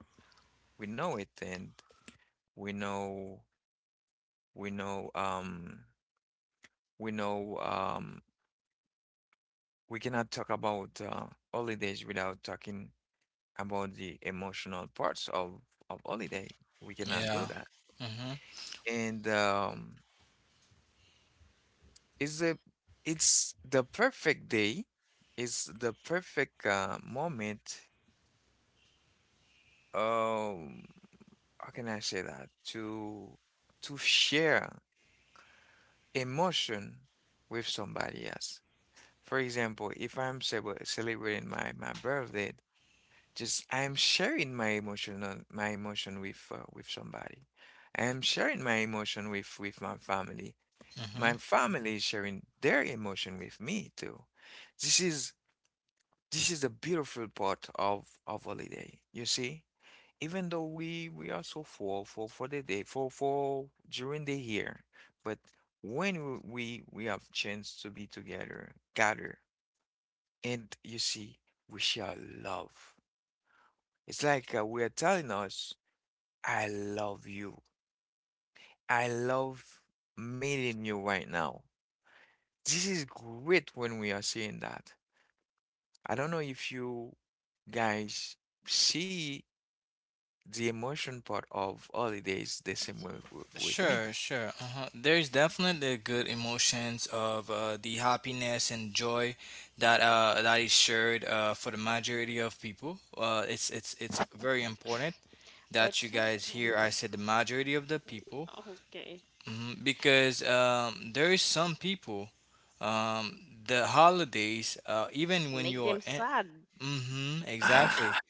Speaker 1: We know it, and we know we know um we know um we cannot talk about uh, holidays without talking about the emotional parts of of holiday. We cannot do
Speaker 2: Yeah.
Speaker 1: that.
Speaker 2: Mm-hmm.
Speaker 1: And um, It's a, it's the perfect day. It's the perfect uh, moment. Um, how can I say that? To to share emotion with somebody else. For example, if I'm celeb- celebrating my my birthday, just I'm sharing my emotion on my emotion with uh, with somebody. I'm sharing my emotion with with my family. My
Speaker 2: Mm-hmm.
Speaker 1: family is sharing their emotion with me too. This is this is the beautiful part of of holiday. You see, even though we we are so full for for the day for for during the year, but when we we have chance to be together, gather, and you see, we share love. It's like uh, we are telling us, I love you. I love meeting you right now. This is great when we are seeing that. I don't know if you guys see the emotion part of holidays the same way w- with me.
Speaker 2: Sure, sure. Uh-huh. There's definitely good emotions of, uh, the happiness and joy that uh, that is shared uh, for the majority of people. Uh, it's it's it's very important that you guys hear. I said the majority of the people. Mhm. Because um, there is some people, um, the holidays, uh, even when you're in, hmm, exactly,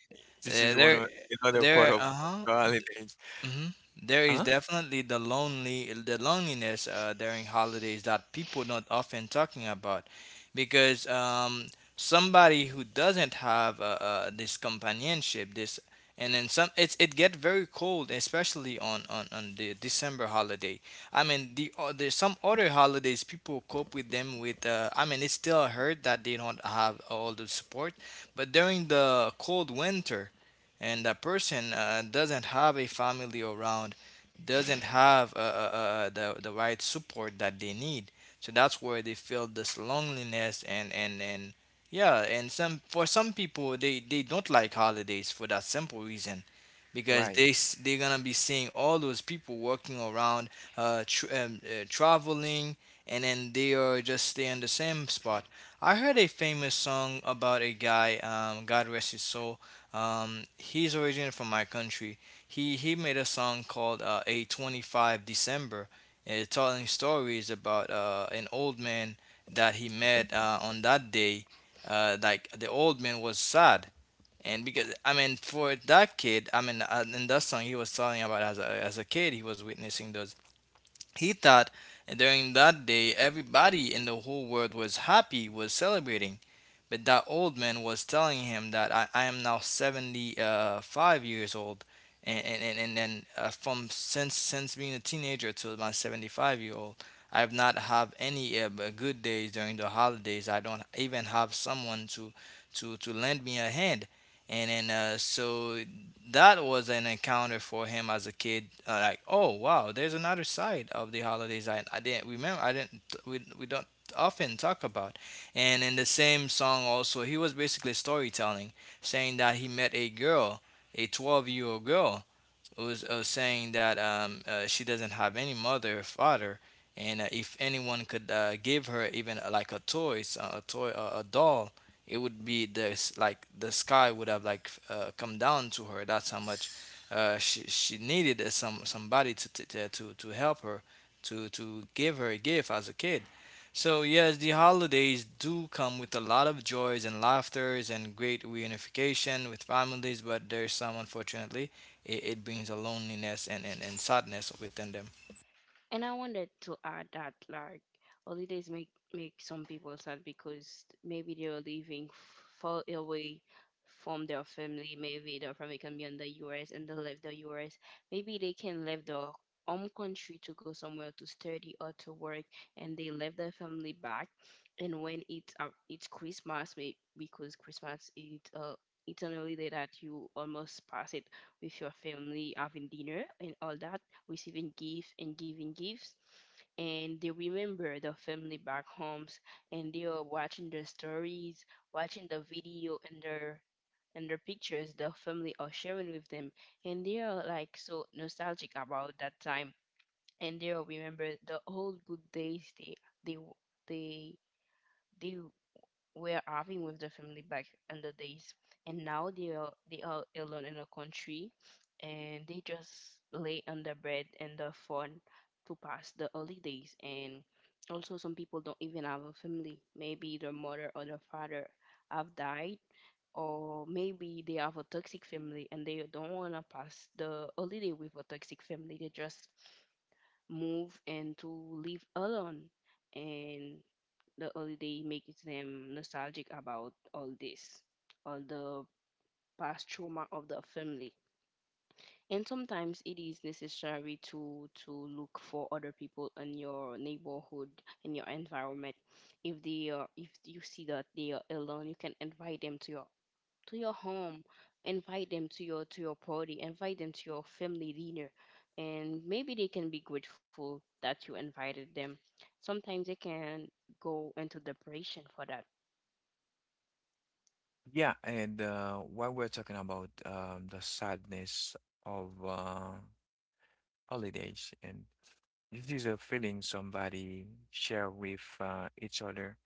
Speaker 1: This
Speaker 2: uh,
Speaker 1: is one
Speaker 2: they're
Speaker 1: of another part
Speaker 2: they're,
Speaker 1: of
Speaker 2: uh-huh
Speaker 1: the holidays.
Speaker 2: hmm there is
Speaker 1: Huh?
Speaker 2: definitely the lonely, the loneliness uh, during holidays that people not often talking about, because um, somebody who doesn't have uh, uh, this companionship, this, and then some, it's it get very cold, especially on on, on the December holiday. I mean, the o- there's some other holidays people cope with them with. Uh, I mean, it's still hurt that they don't have all the support, but during the cold winter and that person uh, doesn't have a family around, doesn't have uh, uh, uh, uh, the, the right support that they need. So that's where they feel this loneliness, and, and, and yeah, and some for some people they, they don't like holidays for that simple reason, because
Speaker 1: Right.
Speaker 2: they s- they're gonna be seeing all those people working around, uh, tr- um, uh, traveling, and then they are just staying in the same spot. I heard a famous song about a guy, um, God rest his soul, um, he's originally from my country. He he made a song called, uh, "A Twenty Five December," and it's telling stories about uh, an old man that he met uh, on that day. Uh, like the old man was sad, and because I mean, for that kid, I mean, uh, in that song, he was telling about as a as a kid, he was witnessing those, he thought during that day everybody in the whole world was happy, was celebrating. But that old man was telling him that I, I am now seventy-five years old. And, and, and, and then uh, from since since being a teenager to my seventy-five year old, I have not have any uh, good days during the holidays. I don't even have someone to to, to lend me a hand. And then uh, so that was an encounter for him as a kid. Uh, like, oh wow, there's another side of the holidays I, I didn't remember. I didn't. We we don't often talk about. And in the same song also, he was basically storytelling, saying that he met a girl, a twelve year old girl, was uh, saying that um, uh, she doesn't have any mother or father, and uh, if anyone could uh, give her even uh, like a toys, uh, a toy, uh, a doll. It would be this like the sky would have like f- uh, come down to her. That's how much uh, she she needed uh, some somebody to to to to to help her to to give her a gift as a kid. So yes, the holidays do come with a lot of joys and laughters and great reunification with families, but there's some, unfortunately, it, it brings a loneliness and, and, and sadness within them.
Speaker 1: Yeah, and uh, while we're talking about um, the sadness of uh, holidays, and this is a feeling somebody share with uh, each other.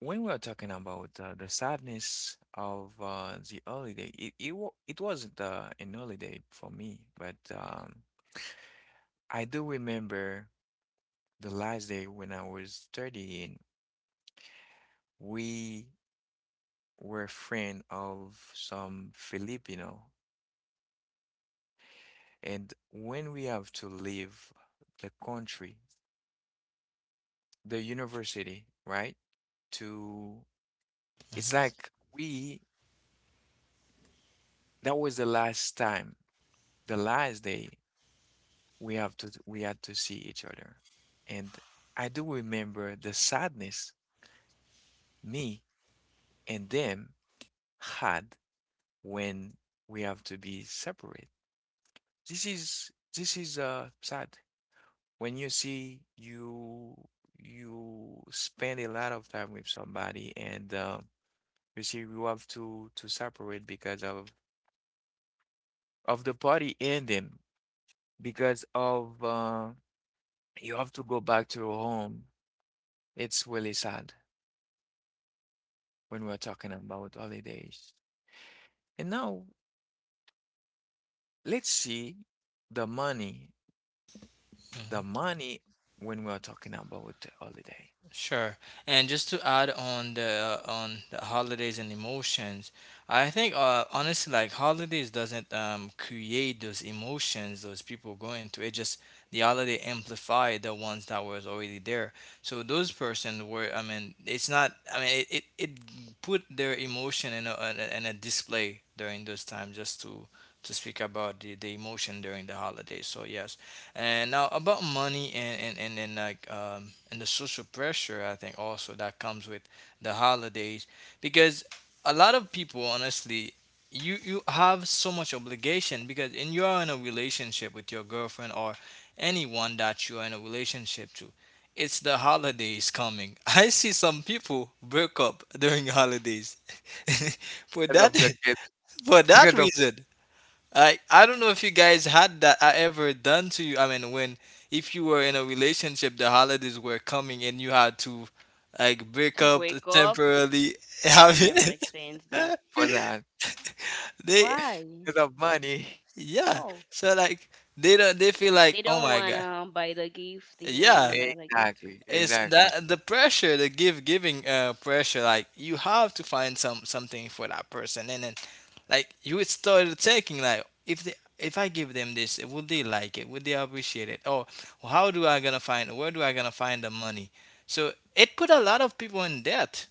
Speaker 1: When we are talking about uh, the sadness of uh, the holiday, it it, wa it wasn't uh, an holiday for me, but um, I do remember the last day when I was studying. We were friend of some Filipino, and when we have to leave the country, the university, right? To, it's
Speaker 2: Hmm.
Speaker 1: like we that was the last time, the last day we have to we had to see each other. And I do remember the sadness me and them had when we have to be separate. This is this is uh sad. When you see you you spend a lot of time with somebody, and uh, you see you have to to separate because of of the party ending, because of uh, you have to go back to your home. It's really sad when we're talking about holidays. And now let's see the money. The money when we're talking about the holiday.
Speaker 2: Sure. And just to add on the uh, on the holidays and emotions, I think uh, honestly, like holidays doesn't um, create those emotions those people go into. It just the holiday amplified the ones that was already there. So those person were. I mean, it's not. I mean, it, it, it put their emotion in a, in a in a display during those times just to to speak about the, the emotion during the holidays. So yes. And now about money and and and, and like um, and the social pressure, I think also that comes with the holidays because a lot of people, honestly, you you have so much obligation because and you are in a relationship with your girlfriend or anyone that you are in a relationship to. It's the holidays coming. I see some people break up during holidays for
Speaker 1: Because of
Speaker 2: that
Speaker 1: the gift,
Speaker 2: for that
Speaker 1: because of,
Speaker 2: reason. I I don't know if you guys had that uh, ever done to you. I mean, when if you were in a relationship, the holidays were coming and you had to like break up temporarily. Have you-
Speaker 1: for that,
Speaker 2: they
Speaker 1: because of money.
Speaker 2: yeah. So like they don't they feel like, oh my god. Yeah.
Speaker 1: Exactly,
Speaker 2: It's
Speaker 1: exactly.
Speaker 2: that the pressure, the give giving uh pressure, like you have to find some something for that person and then like you would start thinking like if they if I give them this, would they like it? Would they appreciate it? Or how do I gonna find where do I gonna find the money? So it put a lot of people in debt,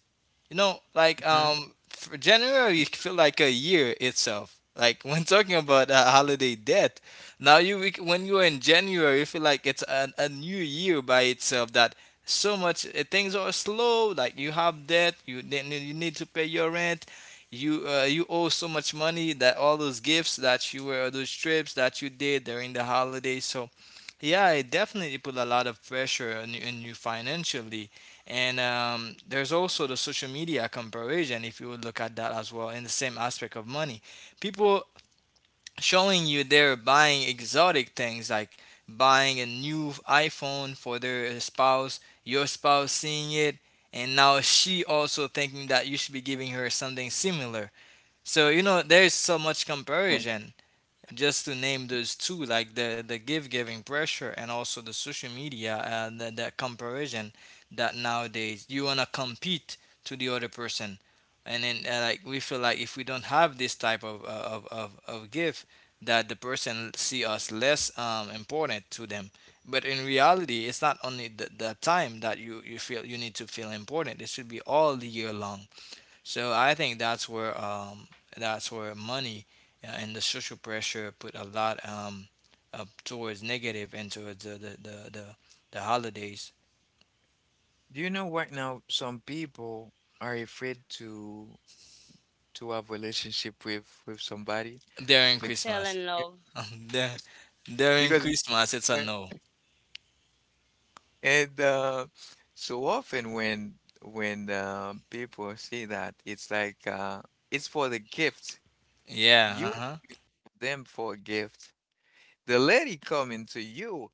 Speaker 2: you know, like
Speaker 1: Mhm.
Speaker 2: um, for January you feel like a year itself. Like when talking about uh, holiday debt, now you we- when you are in January, you feel like it's an, a new year by itself. That so much uh, things are slow. Like you have debt, you then you need to pay your rent. You uh, you owe so much money that all those gifts that you were those trips that you did during the holidays. So yeah, it definitely put a lot of pressure on you, on you financially, and um, there's also the social media comparison, if you would look at that as well, in the same aspect of money. People showing you they're buying exotic things like buying a new iPhone for their spouse, your spouse seeing it, and now she also thinking that you should be giving her something similar. So, you know, there's so much comparison just to name those two, like the the give giving pressure and also the social media and the, the comparison that nowadays you wanna compete to the other person, and then uh, like we feel like if we don't have this type of uh, of of, of give, that the person see us less um, important to them. But in reality, it's not only the, the time that you, you feel you need to feel important. It should be all the year long. So I think that's where um that's where money uh, and the social pressure put a lot um up towards negative and towards the the the, the, the holidays
Speaker 1: Do you know right now some people are afraid to to have relationship with with somebody
Speaker 2: during
Speaker 1: because
Speaker 2: Christmas. Dur- During
Speaker 1: because
Speaker 2: Christmas, it's a no.
Speaker 1: And uh, so often when when uh, people see that, it's like uh, it's for the gift. You
Speaker 2: Yeah. Uh huh.
Speaker 1: want them for a gift. The lady coming to you,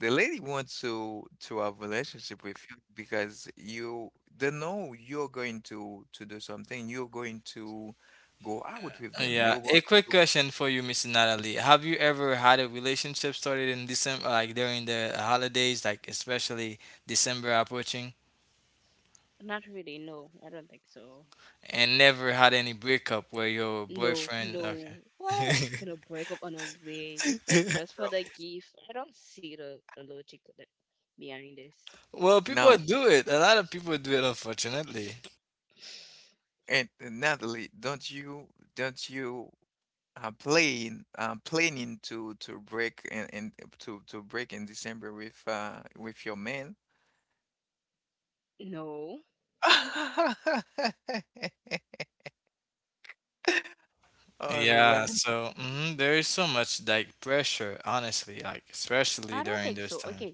Speaker 1: the lady wants to to have relationship with you because you they know you're going to to do something. You're going to go out with them.
Speaker 2: Yeah.
Speaker 1: You're
Speaker 2: A
Speaker 1: going
Speaker 2: quick
Speaker 1: to
Speaker 2: question for you, Miss Natalie. Have you ever had a relationship started in December, like during the holidays, like especially December approaching, and never had any breakup where your boyfriend? Okay.
Speaker 1: go.
Speaker 2: Well, people
Speaker 1: Now,
Speaker 2: do it. A lot of people do it, unfortunately.
Speaker 1: and and Natalie, don't you don't you, uh, playing uh, planning to to break and, and to to break in December with uh with your man? All
Speaker 2: Yeah,
Speaker 1: right.
Speaker 2: so mhm, there is so much like pressure, honestly, like especially during those times.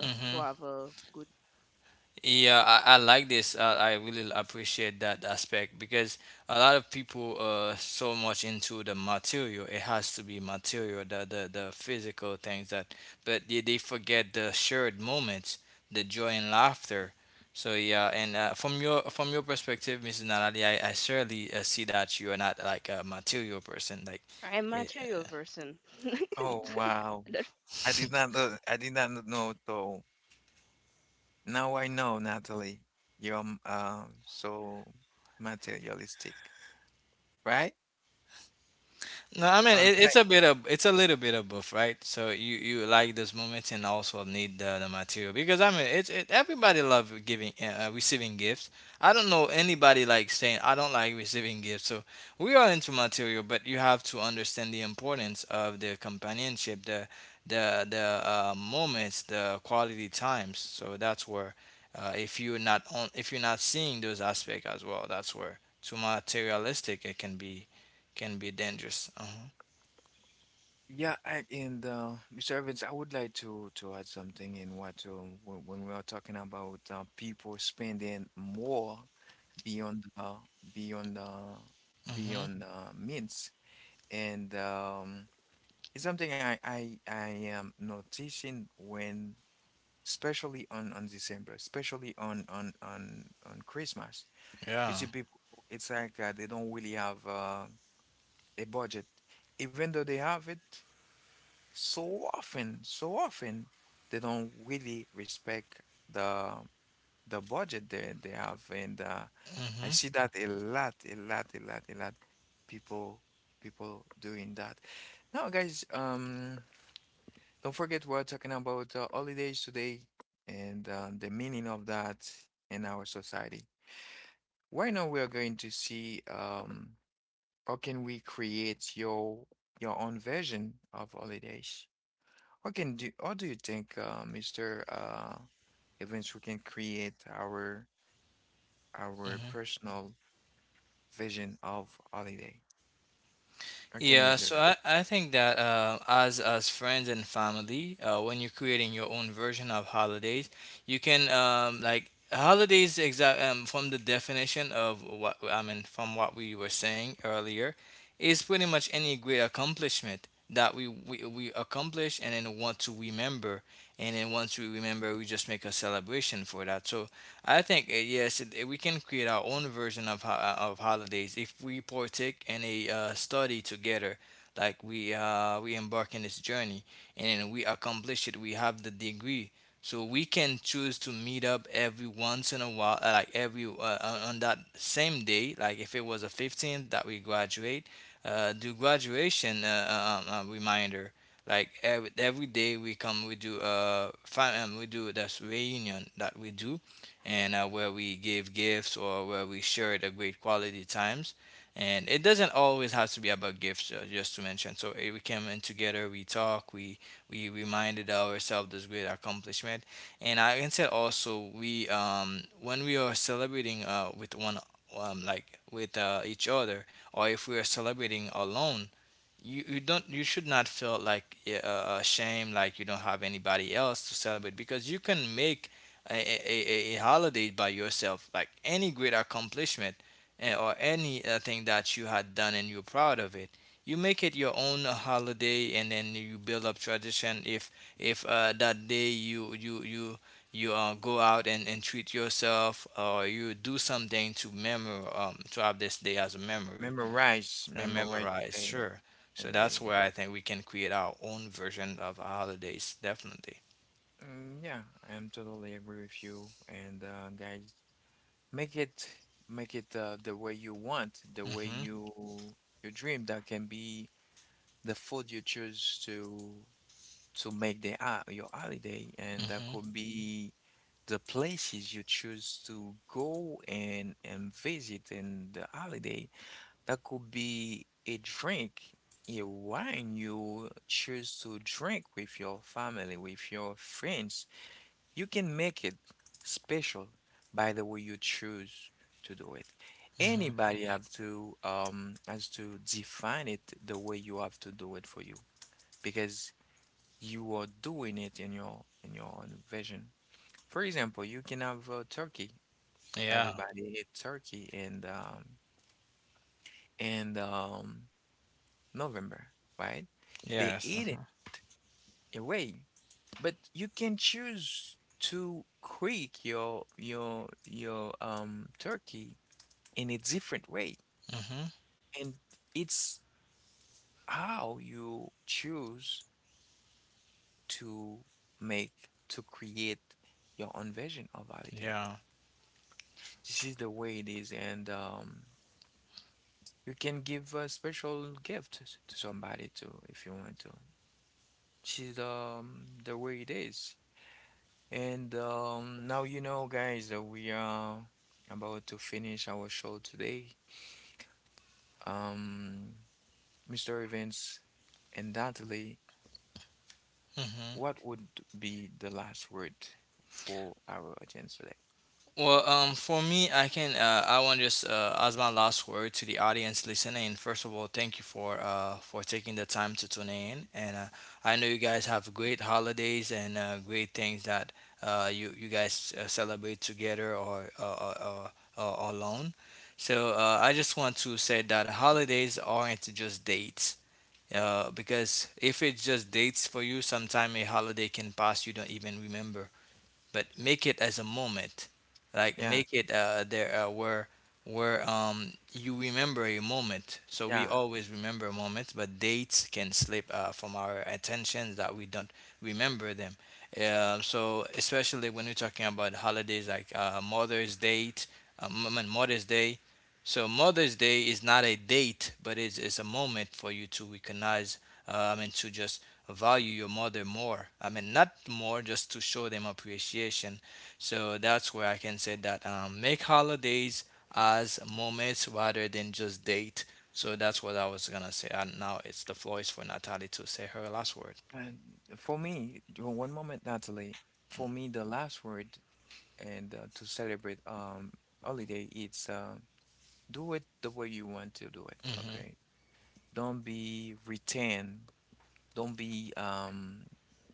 Speaker 2: Mm-hmm. Yeah, I, I like this. Uh, I really appreciate that aspect because a lot of people are so much into the material. It has to be material, the, the, the physical things that, but they, they forget the shared moments, the joy and laughter. So yeah, and uh, from your from your perspective, missus Naladi, I, I surely uh, see that you are not like a material person. Like, eh,
Speaker 1: Oh wow. I did not know I did not kn- know though. Now I know, Natalie. You're um um, so materialistic, right?
Speaker 2: no, I mean
Speaker 1: All
Speaker 2: it, it's
Speaker 1: right.
Speaker 2: a bit of it's a little bit of both, right? So you you like those moments and also need the, the material because I mean it's it, everybody love giving uh, uh, receiving gifts. I don't know anybody like saying I don't like receiving gifts. So we are into material, but you have to understand the importance of the companionship, the the the uh, moments, the quality times. So that's where uh, if you're not on if you're not seeing those aspects as well, that's where too materialistic it can be can be dangerous. Uh-huh.
Speaker 1: Yeah, I, and uh, Mister Evans, I would like to to add something in what uh, when when we are talking about uh, people spending more beyond uh, beyond uh,
Speaker 2: Mm-hmm.
Speaker 1: beyond uh, means. And um, it's something I, I I am noticing when, especially on on December, especially on on on on Christmas. You
Speaker 2: Yeah.
Speaker 1: see, people, it's like uh, they don't really have uh, a budget, even though they have it. So often, so often, they don't really respect the the budget they they have, and uh, I
Speaker 2: Mm-hmm.
Speaker 1: see that a lot, a lot, a lot, a lot. People, people doing that. Now, guys, um, don't forget we're talking about uh, holidays today, and uh, the meaning of that in our society. Right now, we are going to see um, how can we create your your own version of holidays. How can do? How do you think, uh, Mister Uh, Evans, we can create our our
Speaker 2: Mm-hmm.
Speaker 1: personal vision of holiday? How can we
Speaker 2: Yeah.
Speaker 1: do that?
Speaker 2: So I, I think that uh, as as friends and family, uh, when you're creating your own version of holidays, you can um, like holidays exact um, from the definition of what I mean from what we were saying earlier, is pretty much any great accomplishment that we, we we accomplish and then want to remember, and then once we remember we just make a celebration for that. So I think uh, yes, it- we can create our own version of ho- uh, of holidays if we partake in a uh, study together. Like we uh, we embark in this journey and we accomplish it. We have the degree, so we can choose to meet up every once in a while, uh, like every uh, on on that same day. Like if it was a fifteenth that we graduate, uh, do graduation uh, uh, um, uh, reminder. Like every, every day we come, we do uh, fam- um, we do this reunion that we do, and uh, where we give gifts or where we shared a great quality times. And it doesn't always have to be about gifts, uh, just to mention. So eh, we came in together, we talk, we we reminded ourselves this great accomplishment. And I can say also, we um, when we are celebrating uh, with one um, like with uh, each other, or if we are celebrating alone, you, you don't you should not feel like yeah, uh, uh, ashamed like you don't have anybody else to celebrate, because you can make a, a, a a holiday by yourself, like any great accomplishment eh, or any uh, thing that you had done and you're proud of it. You make it your own uh, holiday and then you build up tradition if if uh, that day you you you you uh, go out and, and treat yourself, or you do something to memor um, to have this day as a memory
Speaker 1: Memorize,
Speaker 2: and
Speaker 1: memorize the
Speaker 2: memorize,
Speaker 1: day.
Speaker 2: sure. So
Speaker 1: and
Speaker 2: that's
Speaker 1: the-
Speaker 2: where I think we can create our own version of our holidays, definitely.
Speaker 1: Mm, yeah, I'm totally agree with you. And uh, guys, make it, make it uh, the way you want, the way
Speaker 2: Mm-hmm.
Speaker 1: you you dream. That can be the food you choose to to make the uh, your holiday, and that
Speaker 2: Mm-hmm.
Speaker 1: could be the places you choose to go and and visit in the holiday. That could be a drink, a wine you choose to drink with your family, with your friends. You can make it special by the way you choose to do it.
Speaker 2: Mm-hmm.
Speaker 1: Anybody have to um has to define it the way you have to do it for you because you are doing it in your in your own vision. For example, you can have uh, turkey.
Speaker 2: Yeah.
Speaker 1: Everybody eat turkey and um and um November, right? They
Speaker 2: Yes.
Speaker 1: eat it
Speaker 2: Mm-hmm.
Speaker 1: away, but you can choose to cook your your your um turkey in a different way,
Speaker 2: Mm-hmm.
Speaker 1: and it's how you choose to make, to create your own version of holiday.
Speaker 2: Yeah.
Speaker 1: This is the way it is, and um, you can give a special gift to somebody too if you want to. This is um the way it is. And um, now you know, guys, that we are about to finish our show today. Um, Mister Evans and Natalie,
Speaker 2: Mm-hmm.
Speaker 1: what would be the last word for our audience today?
Speaker 2: Well, um, for me, I can. Uh, I want to just uh, as my last word to the audience listening. First of all, thank you for uh, for taking the time to tune in, and uh, I know you guys have great holidays and uh, great things that uh, you you guys uh, celebrate together or uh, or, or, or alone. So uh, I just want to say that holidays aren't just dates. Uh, because if it's just dates for you, sometime a holiday can pass you don't even remember, but make it as a moment, like
Speaker 1: Yeah,
Speaker 2: make it uh there uh, where where um you remember a moment. So we
Speaker 1: yeah.
Speaker 2: always remember moments, but dates can slip uh, from our attention that we don't remember them. Uh, so especially when we're talking about holidays like uh, mother's Day, um, I mean, mother's day, so Mother's Day is not a date, but it's, it's a moment for you to recognize, uh, I mean, to just value your mother more. I mean, not more, just to show them appreciation. So that's where I can say that um, make holidays as moments rather than just date. So that's what I was gonna say. And now it's the floor is for Natalie to say her last word.
Speaker 1: And for me, you know, one moment, Natalie, for me, the last word, and uh, to celebrate um holiday, it's uh, do it the way you want to do it,
Speaker 2: Mm-hmm.
Speaker 1: okay? Don't be retained. Don't be um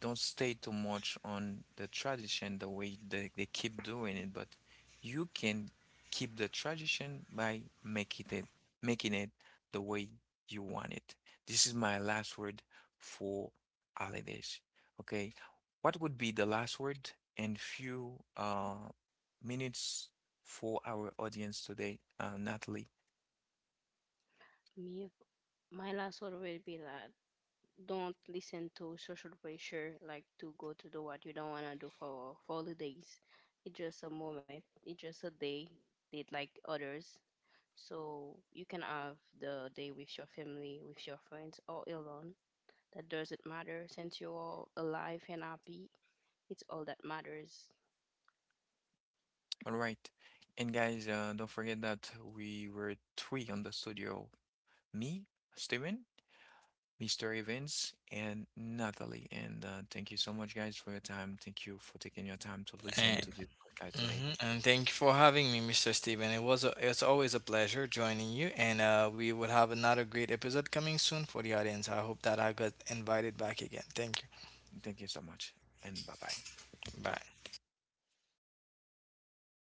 Speaker 1: don't stay too much on the tradition the way they, they keep doing it, but you can keep the tradition by making it, making it the way you want it. This is my last word for holidays. Okay. What would be the last word in few uh minutes for our audience today, uh, Natalie?
Speaker 3: Me, my last word will be that don't listen to social pressure, like to go to do what you don't wanna do for for holidays. It's just a moment. It's just a day. Did like others, so you can have the day with your family, with your friends, or alone. That doesn't matter since you're all alive and happy. It's all that matters.
Speaker 1: All right. And guys, uh, don't forget that we were three on the studio: me, Steven, Mister Evans, and Natalie. And uh, thank you so much, guys, for your time. Thank you for taking your time to listen
Speaker 2: And,
Speaker 1: to this podcast today.
Speaker 2: hmm, and thank you for having me, mister Steven. It was a, it's always a pleasure joining you, and uh, we will have another great episode coming soon for the audience. I hope that I got invited back again. Thank
Speaker 1: Thank you so much, and bye bye.
Speaker 2: you. Bye.
Speaker 1: Ciao.
Speaker 3: Thank